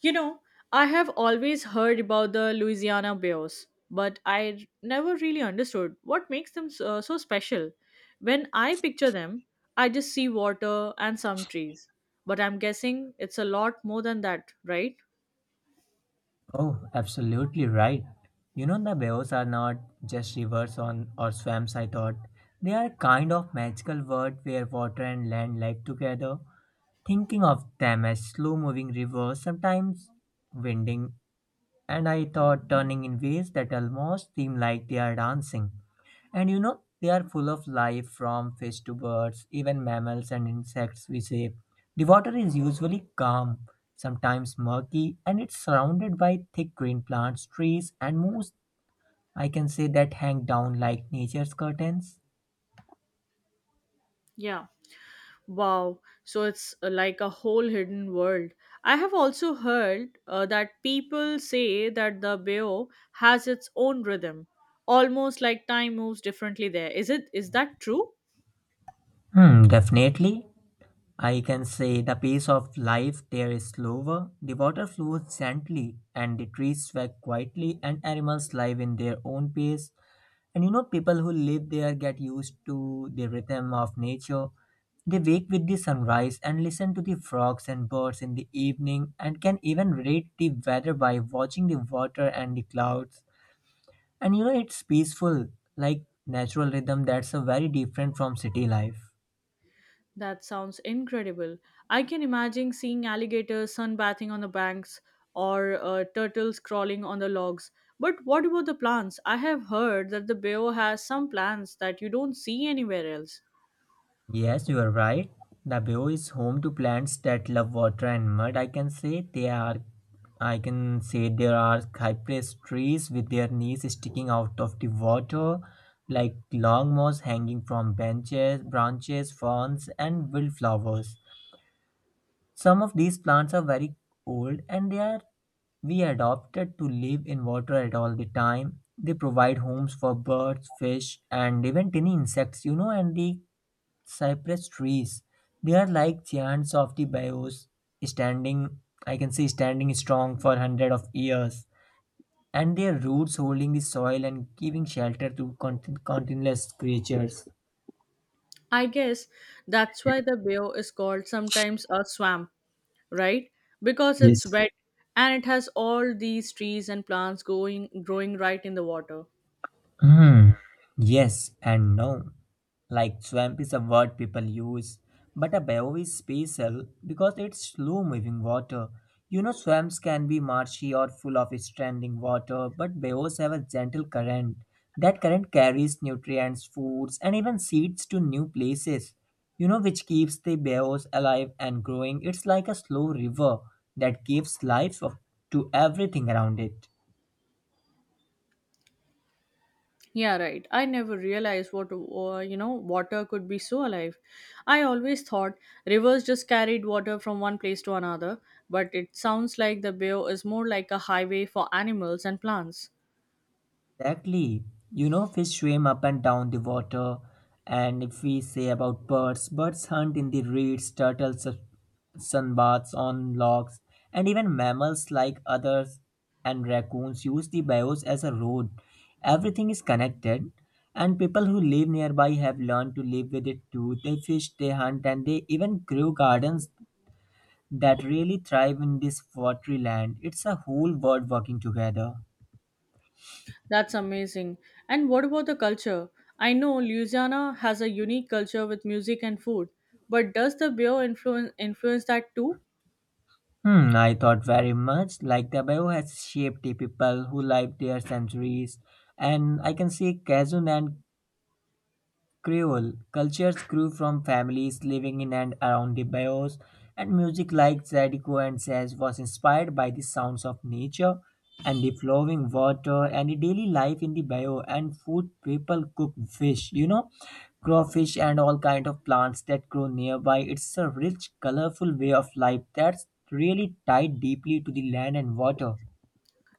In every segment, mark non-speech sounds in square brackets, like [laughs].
You know, I have always heard about the Louisiana Bears, but I never really understood what makes them so special. When I picture them, I just see water and some trees. But I'm guessing it's a lot more than that, right? Oh, absolutely right. You know, the Bayous are not just rivers on or swamps, I thought. They are a kind of magical world where water and land live together. Thinking of them as slow moving rivers, sometimes winding, and I thought turning in ways that almost seem like they are dancing. And you know, they are full of life from fish to birds, even mammals and insects, we say. The water is usually calm, sometimes murky, and it's surrounded by thick green plants, trees, and moss. I can say that hang down like nature's curtains. Yeah. Wow. So it's like a whole hidden world. I have also heard that people say that the bear has its own rhythm, almost like time moves differently there. Is that true? Definitely. I can say the pace of life there is slower. The water flows gently, and the trees sway quietly, and animals live in their own pace. And you know, people who live there get used to the rhythm of nature. They wake with the sunrise and listen to the frogs and birds in the evening and can even rate the weather by watching the water and the clouds. And you know, it's peaceful, like natural rhythm that's a very different from city life. That sounds incredible. I can imagine seeing alligators sunbathing on the banks or turtles crawling on the logs. But what about the plants? I have heard that the bayou has some plants that you don't see anywhere else. Yes, you are right. The bayou is home to plants that love water and mud. I can say they are. I can say there are cypress trees with their knees sticking out of the water, like long moss hanging from benches, branches, ferns, and wildflowers. Some of these plants are very old and they are we adopted to live in water at all the time. They provide homes for birds, fish, and even tiny insects, you know, and the cypress trees. They are like giants of the bios, standing, I can say, standing strong for hundreds of years, and their roots holding the soil and giving shelter to countless creatures. I guess that's why the bayou is called sometimes a swamp, right? Because Yes, it's wet and it has all these trees and plants going growing right in the water. hmm. Yes and no. Like swamp is a word people use, but a bayou is special because it's slow moving water. You know, swamps can be marshy or full of standing water, but bayous have a gentle current. That current carries nutrients, foods, and even seeds to new places. You know, which keeps the bayous alive and growing. It's like a slow river that gives life to everything around it. Yeah, right. I never realized what water could be so alive. I always thought rivers just carried water from one place to another, but it sounds like the bayou is more like a highway for animals and plants. Exactly. You know, fish swim up and down the water. And if we say about birds, birds hunt in the reeds, turtles, sunbaths on logs, and even mammals like others and raccoons use the bayous as a road. Everything is connected, and people who live nearby have learned to live with it too. They fish, they hunt, and they even grow gardens that really thrive in this watery land. It's a whole world working together. That's amazing. And what about the culture? I know Louisiana has a unique culture with music and food, but does the bayou influence that too? I thought very much like the bio has shaped the people who lived there centuries, and I can see Kazun and Creole cultures grew from families living in and around the bayous, and music like Zydeco and Jazz was inspired by the sounds of nature and the flowing water and the daily life in the bayou and food people cook fish, you know, crawfish and all kind of plants that grow nearby. It's a rich, colorful way of life that's really tied deeply to the land and water.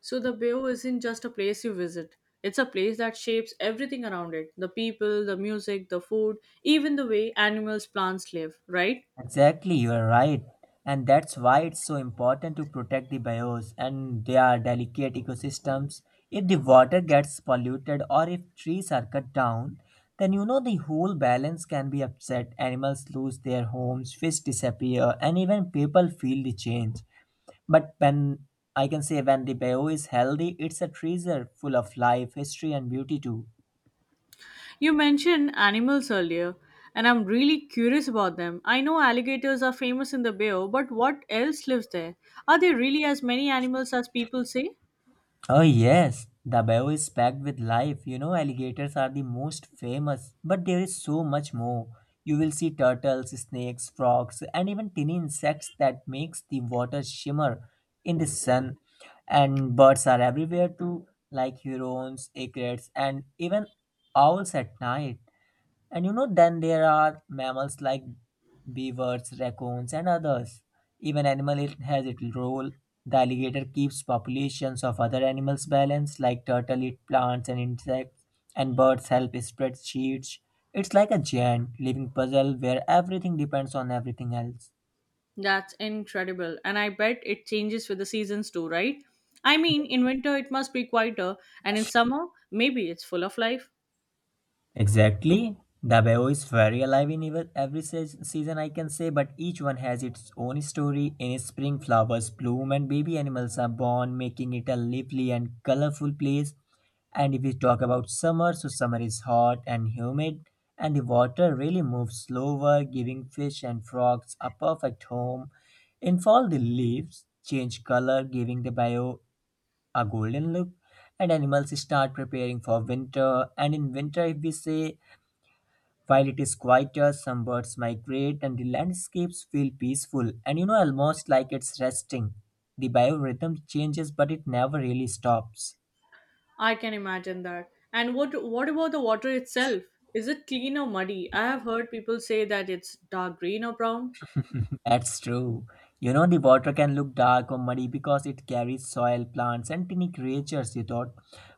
So the Bayou isn't just a place you visit. It's a place that shapes everything around it, the people, the music, the food, even the way animals, plants live, right? Exactly, you are right. And that's why it's so important to protect the bios and their delicate ecosystems. If the water gets polluted or if trees are cut down, then you know the whole balance can be upset. Animals lose their homes, fish disappear, and even people feel the change. But when I can say when the bio is healthy, it's a treasure full of life, history, and beauty too. You mentioned animals earlier, and I'm really curious about them. I know alligators are famous in the Bayou, but what else lives there? Are there really as many animals as people say? Oh, yes, the bio is packed with life. You know, alligators are the most famous, but there is so much more. You will see turtles, snakes, frogs, and even tiny insects that makes the water shimmer in the sun. And birds are everywhere too, like herons, aigrettes, and even owls at night. And you know, then there are mammals like beavers, raccoons, and others. Even animal it has its role. The alligator keeps populations of other animals balanced, like turtle eat plants and insects, and birds help spread seeds. It's like a giant living puzzle where everything depends on everything else. That's incredible. And I bet it changes with the seasons too, right? I mean, in winter it must be quieter, and in summer, maybe it's full of life. Exactly. The Bao is very alive in every season, I can say, but each one has its own story. In spring, flowers bloom and baby animals are born, making it a lively and colorful place. And if we talk about summer, so summer is hot and humid, and the water really moves slower, giving fish and frogs a perfect home. In fall, the leaves change color, giving the bio a golden look, and animals start preparing for winter. And in winter, if we say while it is quieter, some birds migrate and the landscapes feel peaceful and you know almost like it's resting. The biorhythm changes but it never really stops. I can imagine that. And what about the water itself? Is it clean or muddy? I have heard people say that it's dark green or brown. That's true. You know, the water can look dark or muddy because it carries soil, plants, and tiny creatures, you thought.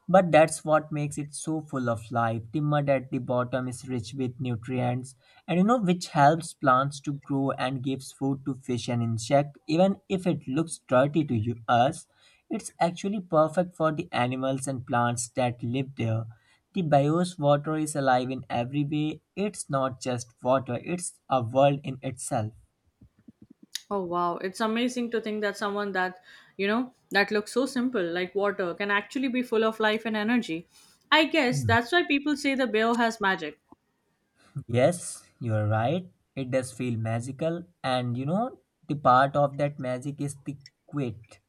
But that's what makes it so full of life. The mud at the bottom is rich with nutrients, and you know, which helps plants to grow and gives food to fish and insect. Even if it looks dirty to you, us, it's actually perfect for the animals and plants that live there. The bios water is alive in every way. It's not just water, it's a world in itself. Oh wow, it's amazing to think that someone that, that looks so simple like water can actually be full of life and energy. I guess that's why people say the bayou has magic. Yes, you are right. It does feel magical, and you know, the part of that magic is the quit.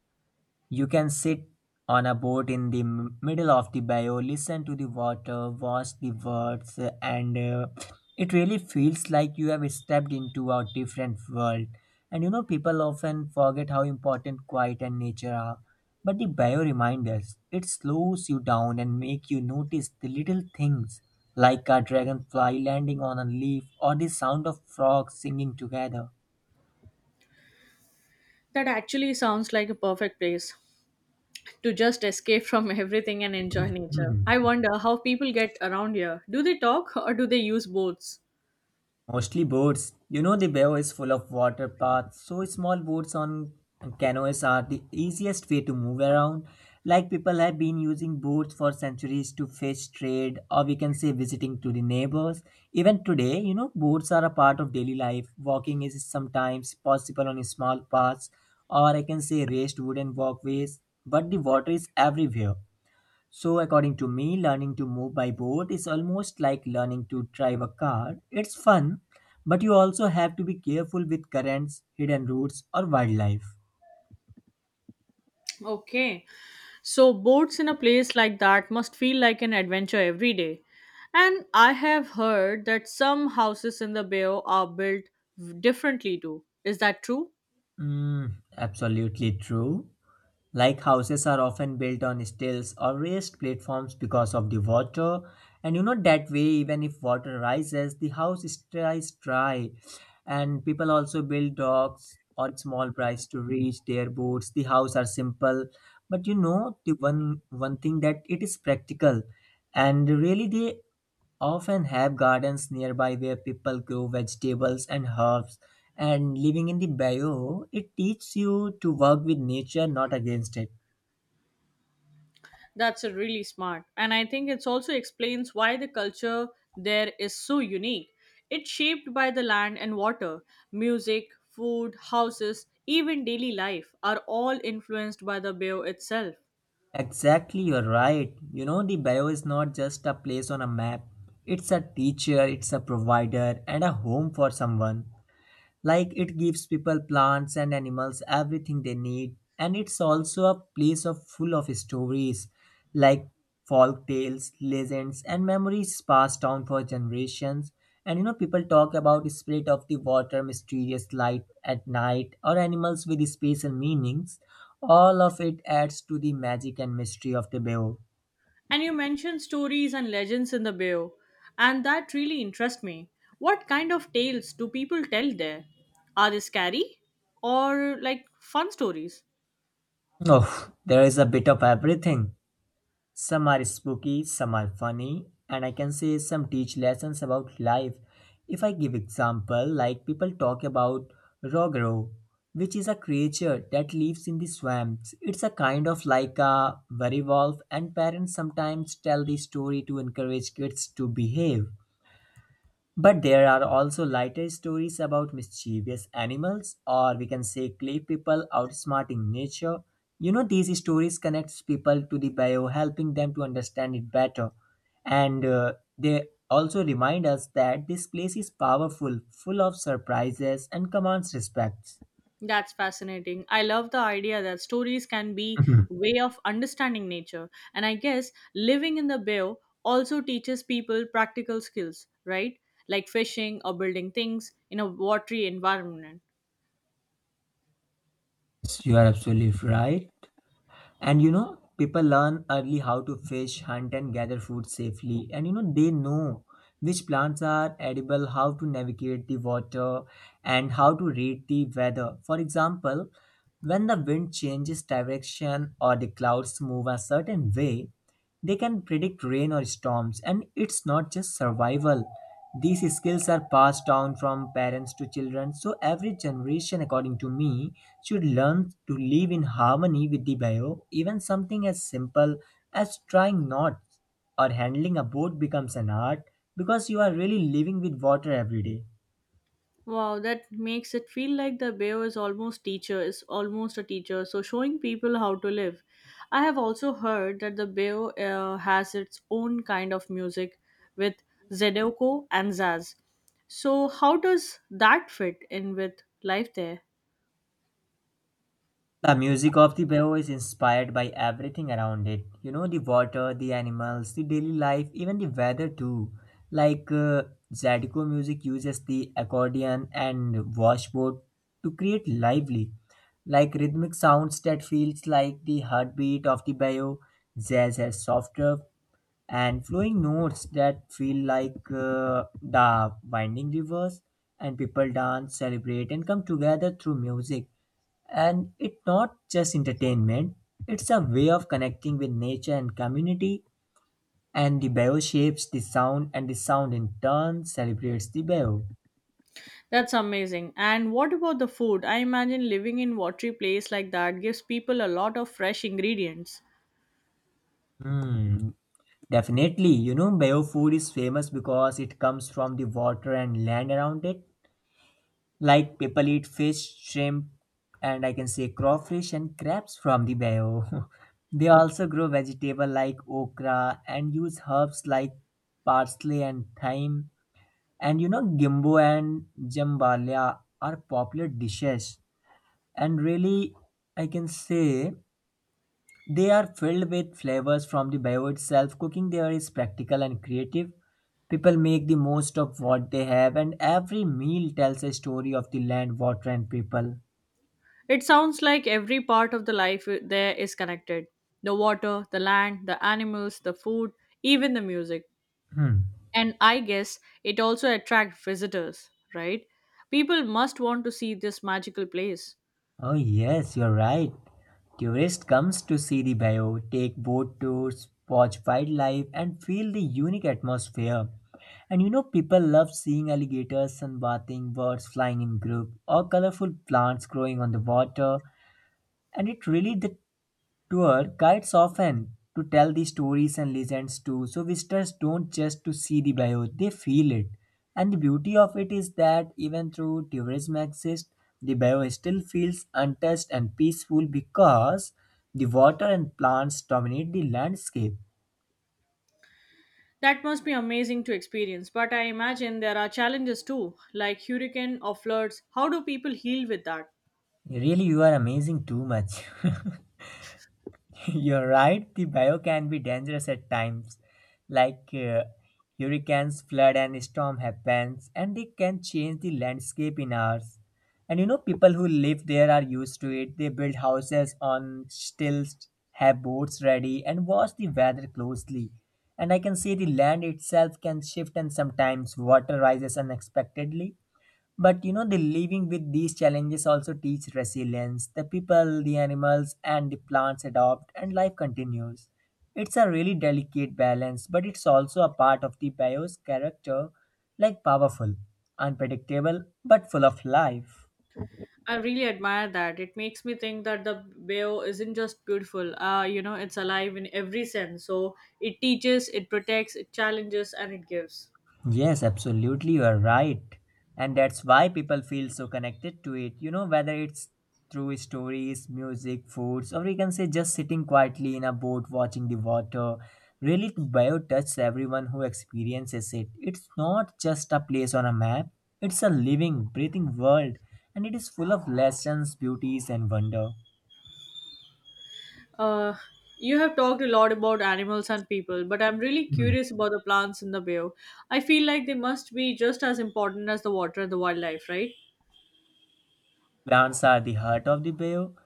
You can sit on a boat in the middle of the bayou, listen to the water, watch the birds, and it really feels like you have stepped into a different world. And you know, people often forget how important quiet and nature are. But the bayou reminds us it slows you down and make you notice the little things like a dragonfly landing on a leaf or the sound of frogs singing together. That actually sounds like a perfect place to just escape from [laughs] everything and enjoy nature. I wonder how people get around here. Do they talk or do they use boats? Mostly boats. You know, the bay is full of water paths, so small boats on canoes are the easiest way to move around. Like people have been using boats for centuries to fish, trade, or we can say visiting to the neighbors. Even today, you know, boats are a part of daily life. Walking is sometimes possible on small paths, or I can say raised wooden walkways, but the water is everywhere. So, according to me, learning to move by boat is almost like learning to drive a car. It's fun, but you also have to be careful with currents, hidden routes, or wildlife. Okay. So boats in a place like that must feel like an adventure every day. And I have heard that some houses in the bay are built differently too. Is that true? Mm, absolutely true. Like houses are often built on stilts or raised platforms because of the water, and you know that way, even if water rises, the house stays dry. And people also build docks or small bridges to reach their boats. The houses are simple, but you know the one thing that it is practical, and really they often have gardens nearby where people grow vegetables and herbs. And living in the bio, it teaches you to work with nature, not against it. That's a really smart. And I think it also explains why the culture there is so unique. It's shaped by the land and water. Music, food, houses, even daily life are all influenced by the bay itself. Exactly, you're right. You know, the bio is not just a place on a map, it's a teacher, it's a provider, and a home for someone. Like it gives people plants and animals everything they need, and it's also a place of full of stories like folk tales, legends, and memories passed down for generations. And you know, people talk about spirit of the water, mysterious light at night, or animals with special meanings. All of it adds to the magic and mystery of the Bayou. And you mentioned stories and legends in the bio, and that really interests me. What kind of tales do people tell there? Are they scary or like fun stories? Oh, there is a bit of everything. Some are spooky, some are funny, and I can say some teach lessons about life. If I give example, like people talk about Rogro, which is a creature that lives in the swamps. It's a kind of like a werewolf, and parents sometimes tell the story to encourage kids to behave. But there are also lighter stories about mischievous animals, or we can say clay people outsmarting nature. You know, these stories connects people to the bio, helping them to understand it better. And they also remind us that this place is powerful, full of surprises, and commands respect. That's fascinating. I love the idea that stories can be Mhm. way of understanding nature, and I guess living in the bayou also teaches people practical skills, right? Like fishing or building things in a watery environment. [laughs] You are absolutely right. And you know, people learn early how to fish, hunt, and gather food safely. And you know, they know which plants are edible, how to navigate the water, and how to read the weather. For example, when the wind changes direction or the clouds move a certain way, they can predict rain or storms. And it's not just survival. These skills are passed down from parents to children, so every generation, according to me, should learn to live in harmony with the bio. Even something as simple as trying knots or handling a boat becomes an art, because you are really living with water every day. Wow, that makes it feel like the bear is almost teacher is almost a teacher, so showing people how to live. I have also heard that the bear has its own kind of music with Zedeko and Zaz. So how does that fit in with life there? The music of the bow is inspired by everything around it. You know, the water, the animals, the daily life, even the weather too. Like uh, Zydeco music uses the accordion and washboard to create lively, like rhythmic sounds that feels like the heartbeat of the bow. Jazz has softer and flowing notes that feel like the winding rivers, and people dance, celebrate, and come together through music. And it's not just entertainment, it's a way of connecting with nature and community. And the bio shapes the sound, and the sound in turn celebrates the bio. That's amazing. And what about the food? I imagine living in watery place like that gives people a lot of fresh ingredients. Hmm. Definitely. You know, bio food is famous because it comes from the water and land around it. Like, people eat fish, shrimp, and I can say crawfish and crabs from the bio. [laughs] They also grow vegetable like okra and use herbs like parsley and thyme. And you know, gimbo and jambalia are popular dishes, and really, I can say they are filled with flavors from the bio itself. Cooking there is practical and creative. People make the most of what they have, and every meal tells a story of the land, water, and people. It sounds like every part of the there is connected, the water, the land, the animals, the food, even the music. Hmm. And I guess it also attracts visitors, right? People must want to see this magical place. Oh yes, you're right. Tourists comes to see the bayou, take boat tours, watch wildlife, and feel the unique atmosphere. And you know, people love seeing alligators sunbathing, birds flying in group, or colorful plants growing on the water. And it really the tour guides often to tell the stories and legends too, so visitors don't just to see the bio, they feel it. And the beauty of it is that even though tourism exists, the bio still feels untouched and peaceful, because the water and plants dominate the landscape. That must be amazing to experience, but I imagine there are challenges too, like hurricane or floods. How do people heal with that? Really, you are amazing too much. [laughs] [laughs] You're right, the bio can be dangerous at times, like uh, hurricanes, flood, and storm happens, and they can change the landscape in hours. And you know, people who live there are used to it. They build houses on stilts, have boats ready, and watch the weather closely. And I can say, the land itself can shift, and sometimes water rises unexpectedly. But you know, the living with these challenges also teach resilience. The people, the animals, and the plants adopt, and life continues. It's a really delicate balance, but it's also a part of the bio's character, like powerful, unpredictable, but full of life. I really admire that. It makes me think that the bio isn't just beautiful. It's alive in every sense. So it teaches, it protects, it challenges, and it gives. Yes, absolutely, you are right. And that's why people feel so connected to it. You know, whether it's through stories, music, foods, or you can say just sitting quietly in a boat watching the water. Really, bio touches everyone who experiences it. It's not just a place on a map, it's a living, breathing world, and it is full of lessons, beauties, and wonder. Uh, you have talked a lot about animals and people, but I'm really Mhm. curious about the plants in the bio. I feel like they must be just as important as the water and the wildlife, right? Plants are the heart of the bio.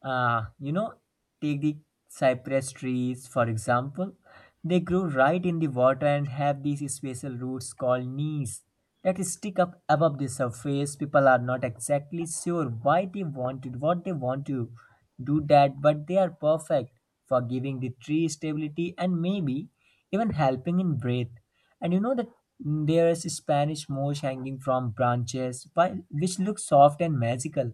You know, take the cypress trees, for example. They grow right in the water and have these special roots called knees that stick up above the surface. People are not exactly sure why they wanted what they want to do that, but they are perfect for giving the tree stability and maybe even helping in breath. And you know that there is Spanish moss hanging from branches, which looks soft and magical.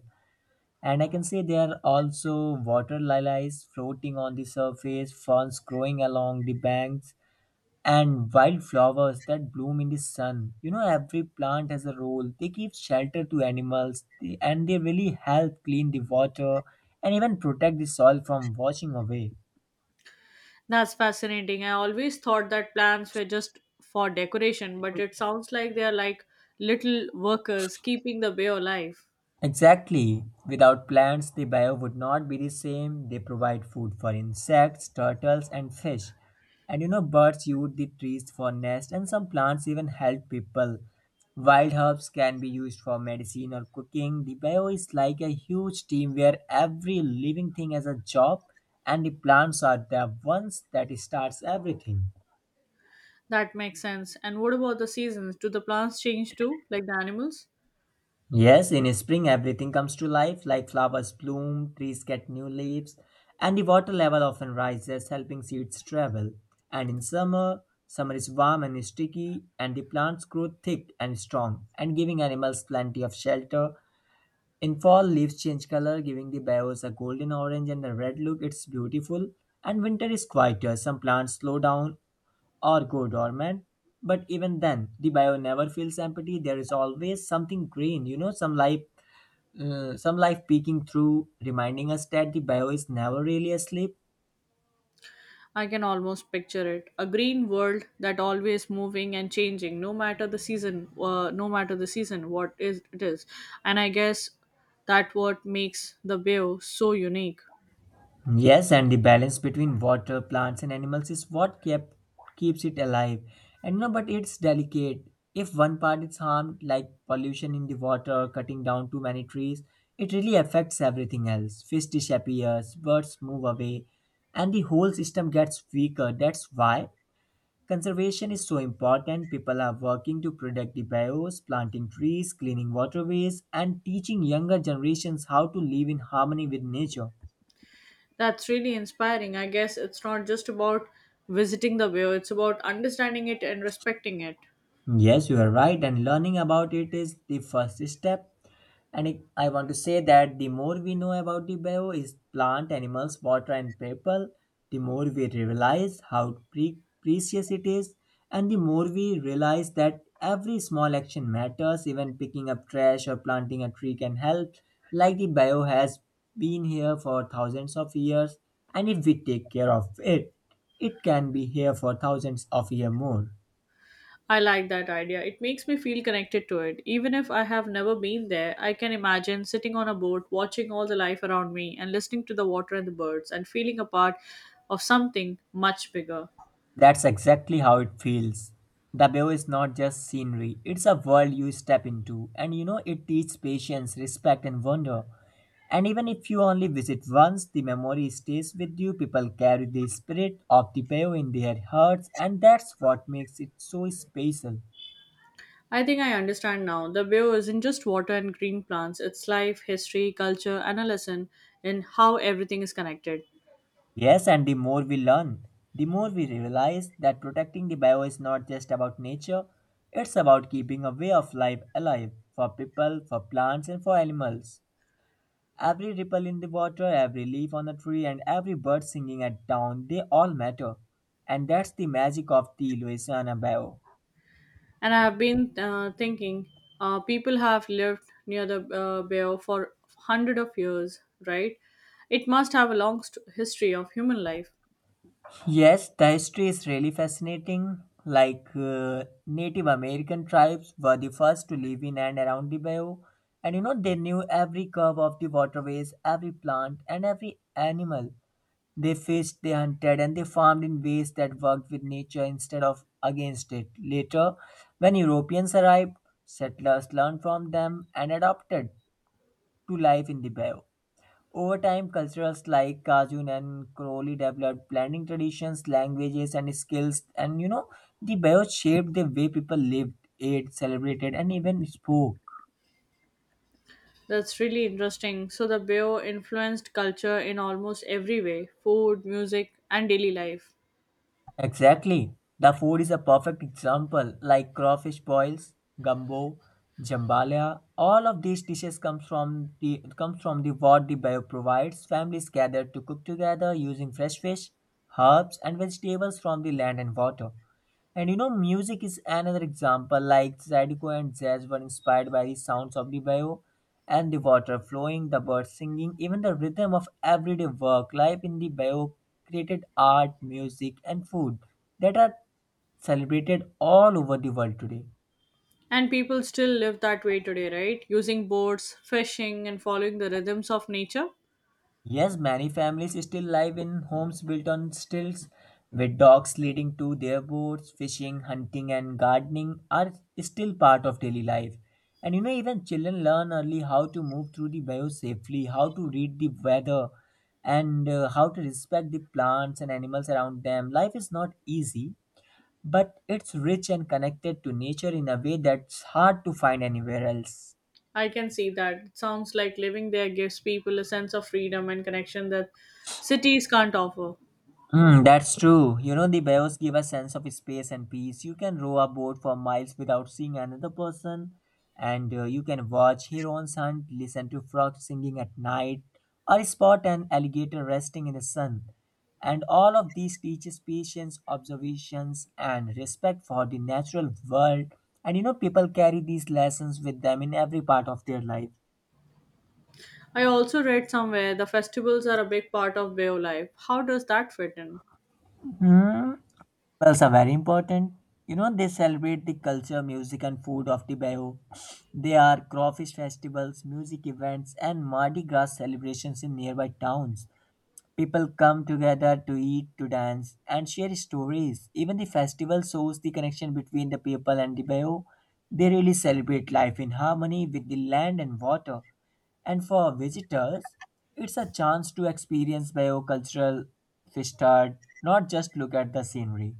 And I can say there are also water lilies floating on the surface, ferns growing along the banks, and wildflowers that bloom in the sun. You know, every plant has a role. They give shelter to animals and they really help clean the water and even protect the soil from washing away. That's fascinating. I always thought that plants were just for decoration, but it sounds like they are like little workers keeping the bay alive. Exactly. Without plants, the bio would not be the same. They provide food for insects, turtles, and fish. And you know, birds use the trees for nests, and some plants even help people. Wild herbs can be used for medicine or cooking. The bio is like a huge team where every living thing has a job, and the plants are the ones that starts everything. That makes sense. And what about the seasons? Do the plants change too, like the animals? Yes, in spring everything comes to life, like flowers bloom, trees get new leaves, and the water level often rises, helping seeds travel. And in summer, summer is warm and sticky, and the plants grow thick and strong, and giving animals plenty of shelter. In fall, leaves change color, giving the boughs a golden orange and a red look. It's beautiful. And winter is quieter. Some plants slow down or go dormant, but even then, the bio never feels empty. There is always something green, you know, some life peeking through, reminding us that the bio is never really asleep. I can almost picture it, a green world that always moving and changing, no matter the season, what is it is. And I guess that what makes the Bayou so unique. Yes, and the balance between water, plants, and animals is what kept keeps it alive. And no, but it's delicate. If one part is harmed, like pollution in the water, cutting down too many trees, it really affects everything else. Fish disappears, birds move away, and the whole system gets weaker. That's why conservation is so important. People are working to protect the bios, planting trees, cleaning waterways, and teaching younger generations how to live in harmony with nature. That's really inspiring. I guess it's not just about visiting the Bayou, it's about understanding it and respecting it. Yes, you are right. And learning about it is the first step. And it, I want to say that the more we know about the bio is plant, animals, water, and people, the more we realize how precious it is, and the more we realize that every small action matters. Even picking up trash or planting a tree can help. Like, the bio has been here for thousands of years, and if we take care of it, it can be here for thousands of years more. I like that idea. It makes me feel connected to it. Even if I have never been there, I can imagine sitting on a boat, watching all the life around me, and listening to the water and the birds, and feeling a part of something much bigger. That's exactly how it feels. The Bayou is not just scenery, it's a world you step into, and you know it teaches patience, respect, and wonder. And even if you only visit once, the memory stays with you. People carry the spirit of the Bayou in their hearts, and that's what makes it so special. I think I understand now. The view isn't just water and green plants, it's life, history, culture, and a lesson in how everything is connected. Yes, and the more we learn, the more we realize that protecting the bio is not just about nature, it's about keeping a way of life alive for people, for plants, and for animals. Every ripple in the water, every leaf on a tree, and every bird singing at dawn, they all matter. And that's the magic of the Louisiana Bayou. And I've been thinking, people have lived near the bayou for hundred of years, right? It must have a history of human life. Yes, the history is really fascinating. Native American tribes were the first to live in and around the bayou, and you know they knew every curve of the waterways, every plant, and every animal. They faced the hunted and they farmed in ways that worked with nature instead of against it. Later, when Europeans arrived, settlers learned from them and adapted to life in the bayou. Over time, cultures like Cajun and Crowley developed blending traditions, languages, and skills. And you know, the bayou shaped the way people lived, ate, celebrated, and even spoke. That's really interesting. So the bayou influenced culture in almost every way: food, music, and daily life. Exactly. The food is a perfect example, like crawfish boils, gumbo, jambalaya. All of these dishes comes from the what the bio provides. Families gather to cook together using fresh fish, herbs, and vegetables from the land and water. And you know, music is another example. Like, Zydeco and jazz were inspired by the sounds of the bayou and the water flowing, the birds singing, even the rhythm of everyday work. Life in the bayou created art, music, and food that are celebrated all over the world today. And people still live that way today, right? Using boats, fishing, and following the rhythms of nature. Yes, many families still live in homes built on stilts, with dogs leading to their boats. Fishing, hunting, and gardening are still part of daily life. And you know, even children learn early how to move through the bio safely, how to read the weather, and how to respect the plants and animals around them. Life is not easy, but it's rich and connected to nature in a way that's hard to find anywhere else. I can see that. It sounds like living there gives people a sense of freedom and connection that cities can't offer. Hmm, that's true. You know, the bios give a sense of space and peace. You can row a boat for miles without seeing another person, and you can watch herons hunt, listen to frogs singing at night, or spot an alligator resting in the sun. And all of these teaches patience, observations, and respect for the natural world. And you know, people carry these lessons with them in every part of their life. I also read somewhere the festivals are a big part of Bay of Life. How does that fit in? Hmm. Festivals are very important. You know, they celebrate the culture, music, and food of the Bayou. They are crawfish festivals, music events, and Mardi Gras celebrations in nearby towns. People come together to eat, to dance, and share stories. Even the festival shows the connection between the people and the Bayou. They really celebrate life in harmony with the land and water. And for visitors, it's a chance to experience Bayou cultural fishguard, not just look at the scenery.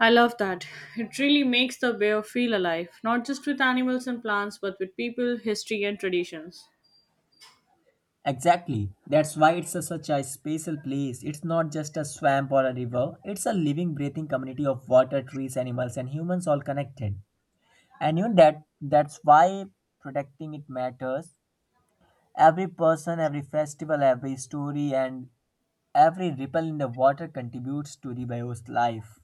I love that. It really makes the Bay of feel alive, not just with animals and plants, but with people, history, and traditions. Exactly. That's why it's a, such a special place. It's not just a swamp or a river. It's a living, breathing community of water, trees, animals, and humans all connected. And you know that that's why protecting it matters. Every person, every festival, every story, and every ripple in the water contributes to the bio's life.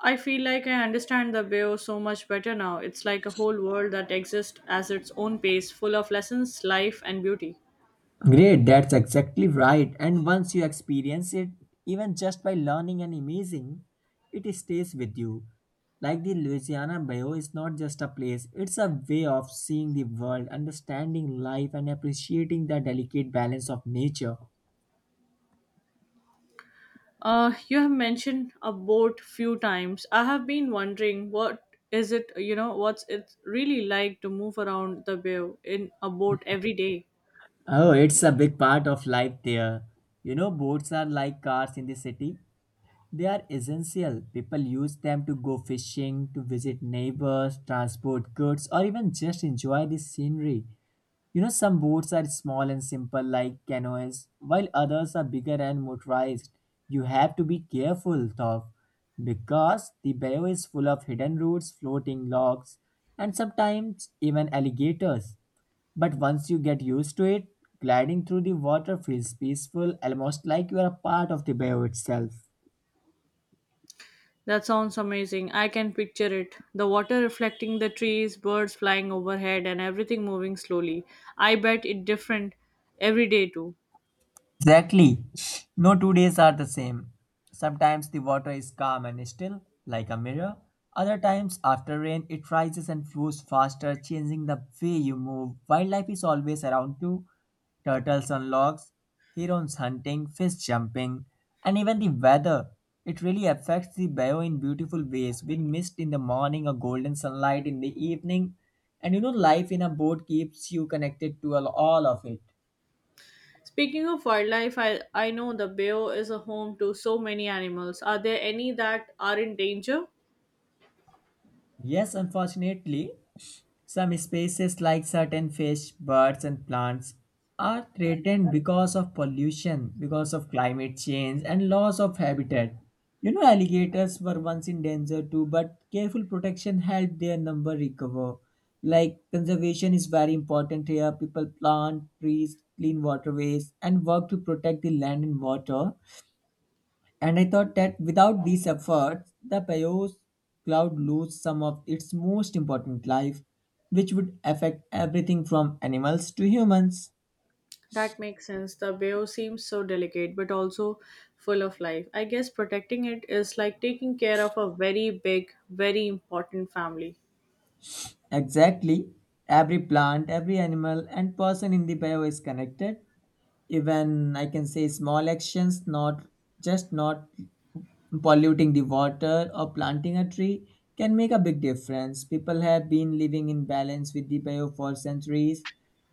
I feel like I understand the Bay of so much better now. It's like a whole world that exists as its own pace, full of lessons, life, and beauty. Great, that's exactly right. And once you experience it, even just by learning and imaging, it stays with you. Like, the Louisiana Bayou is not just a place, it's a way of seeing the world, understanding life, and appreciating the delicate balance of nature. You have mentioned a boat few times. I have been wondering what is it, you know, what's it really like to move around the bay in a boat every day? Oh, it's a big part of life there. You know, boats are like cars in the city. They are essential. People use them to go fishing, to visit neighbors, transport goods, or even just enjoy the scenery. You know, some boats are small and simple, like canoes, while others are bigger and motorized. You have to be careful, though, because the bayou is full of hidden roots, floating logs, and sometimes even alligators. But once you get used to it, gliding through the water feels peaceful, almost like you are a part of the bayou itself. That sounds amazing. I can picture it. The water reflecting the trees, birds flying overhead, and everything moving slowly. I bet it different every day too. Exactly. No two days are the same. Sometimes the water is calm and still, like a mirror. Other times, after rain, it rises and flows faster, changing the way you move. Wildlife is always around too, turtles on logs, herons hunting, fish jumping, and even the weather. It really affects the bio in beautiful ways, with mist in the morning or golden sunlight in the evening. And you know, life in a boat keeps you connected to all of it. Speaking of wildlife, I know the Bayou is a home to so many animals. Are there any that are in danger? Yes, unfortunately, some species like certain fish, birds, and plants are threatened because of pollution, because of climate change, and loss of habitat. You know, alligators were once in danger too, but careful protection helped their number recover. Like, conservation is very important here. People plant trees, clean waterways, and work to protect the land and water. And I thought that without these efforts, the Payos cloud loses some of its most important life, which would affect everything from animals to humans. That makes sense. The Bayou seems so delicate but also full of life. I guess protecting it is like taking care of a very big, very important family. Exactly. Every plant, every animal, and person in the bio is connected. Even I can say small actions, not polluting the water or planting a tree, can make a big difference. People have been living in balance with the bio for centuries,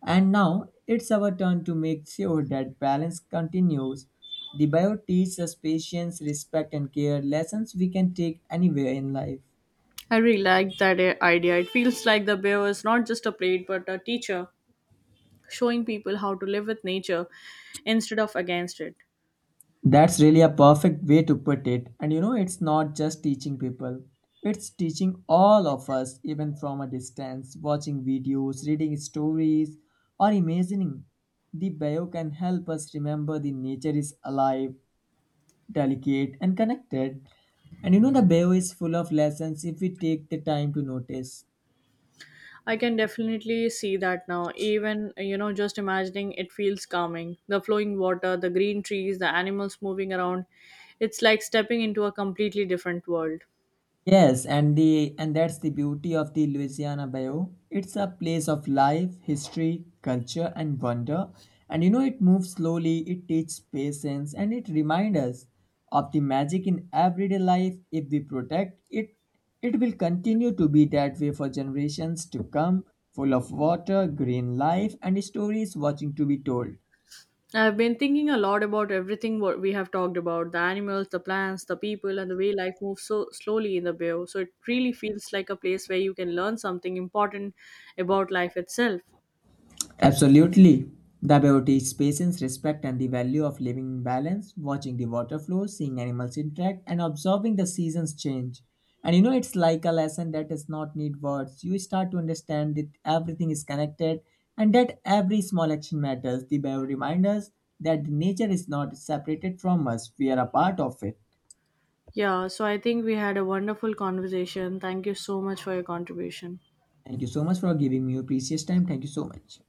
and now it's our turn to make sure that balance continues. The bio teaches us patience, respect, and care lessons we can take anywhere in life. I really like that idea. It feels like the bear is not just a plate but a teacher, showing people how to live with nature instead of against it. That's really a perfect way to put it. And you know, it's not just teaching people, it's teaching all of us, even from a distance, watching videos, reading stories, or imagining. The bio can help us remember the nature is alive, delicate, and connected. And you know, the bio is full of lessons if we take the time to notice. I can definitely see that now. Even, just imagining it feels calming. The flowing water, the green trees, the animals moving around. It's like stepping into a completely different world. Yes, and that's the beauty of the Louisiana Bayou. It's a place of life, history, culture, and wonder. And you know, it moves slowly, it teaches patience, and it reminds us of the magic in everyday life. If we protect it, it will continue to be that way for generations to come, full of water, green life, and stories watching to be told. I've been thinking a lot about everything what we have talked about, the animals, the plants, the people, and the way life moves so slowly in the bio. So it really feels like a place where you can learn something important about life itself. Absolutely. The beauty is patience, respect, and the value of living in balance, watching the water flow, seeing animals interact, and observing the seasons change. And you know, it's like a lesson that does not need words. You start to understand that everything is connected and that every small action matters. The bio reminds us that nature is not separated from us, we are a part of it. Yeah, so I think we had a wonderful conversation. Thank you so much for your contribution. Thank you so much for giving me your precious time. Thank you so much.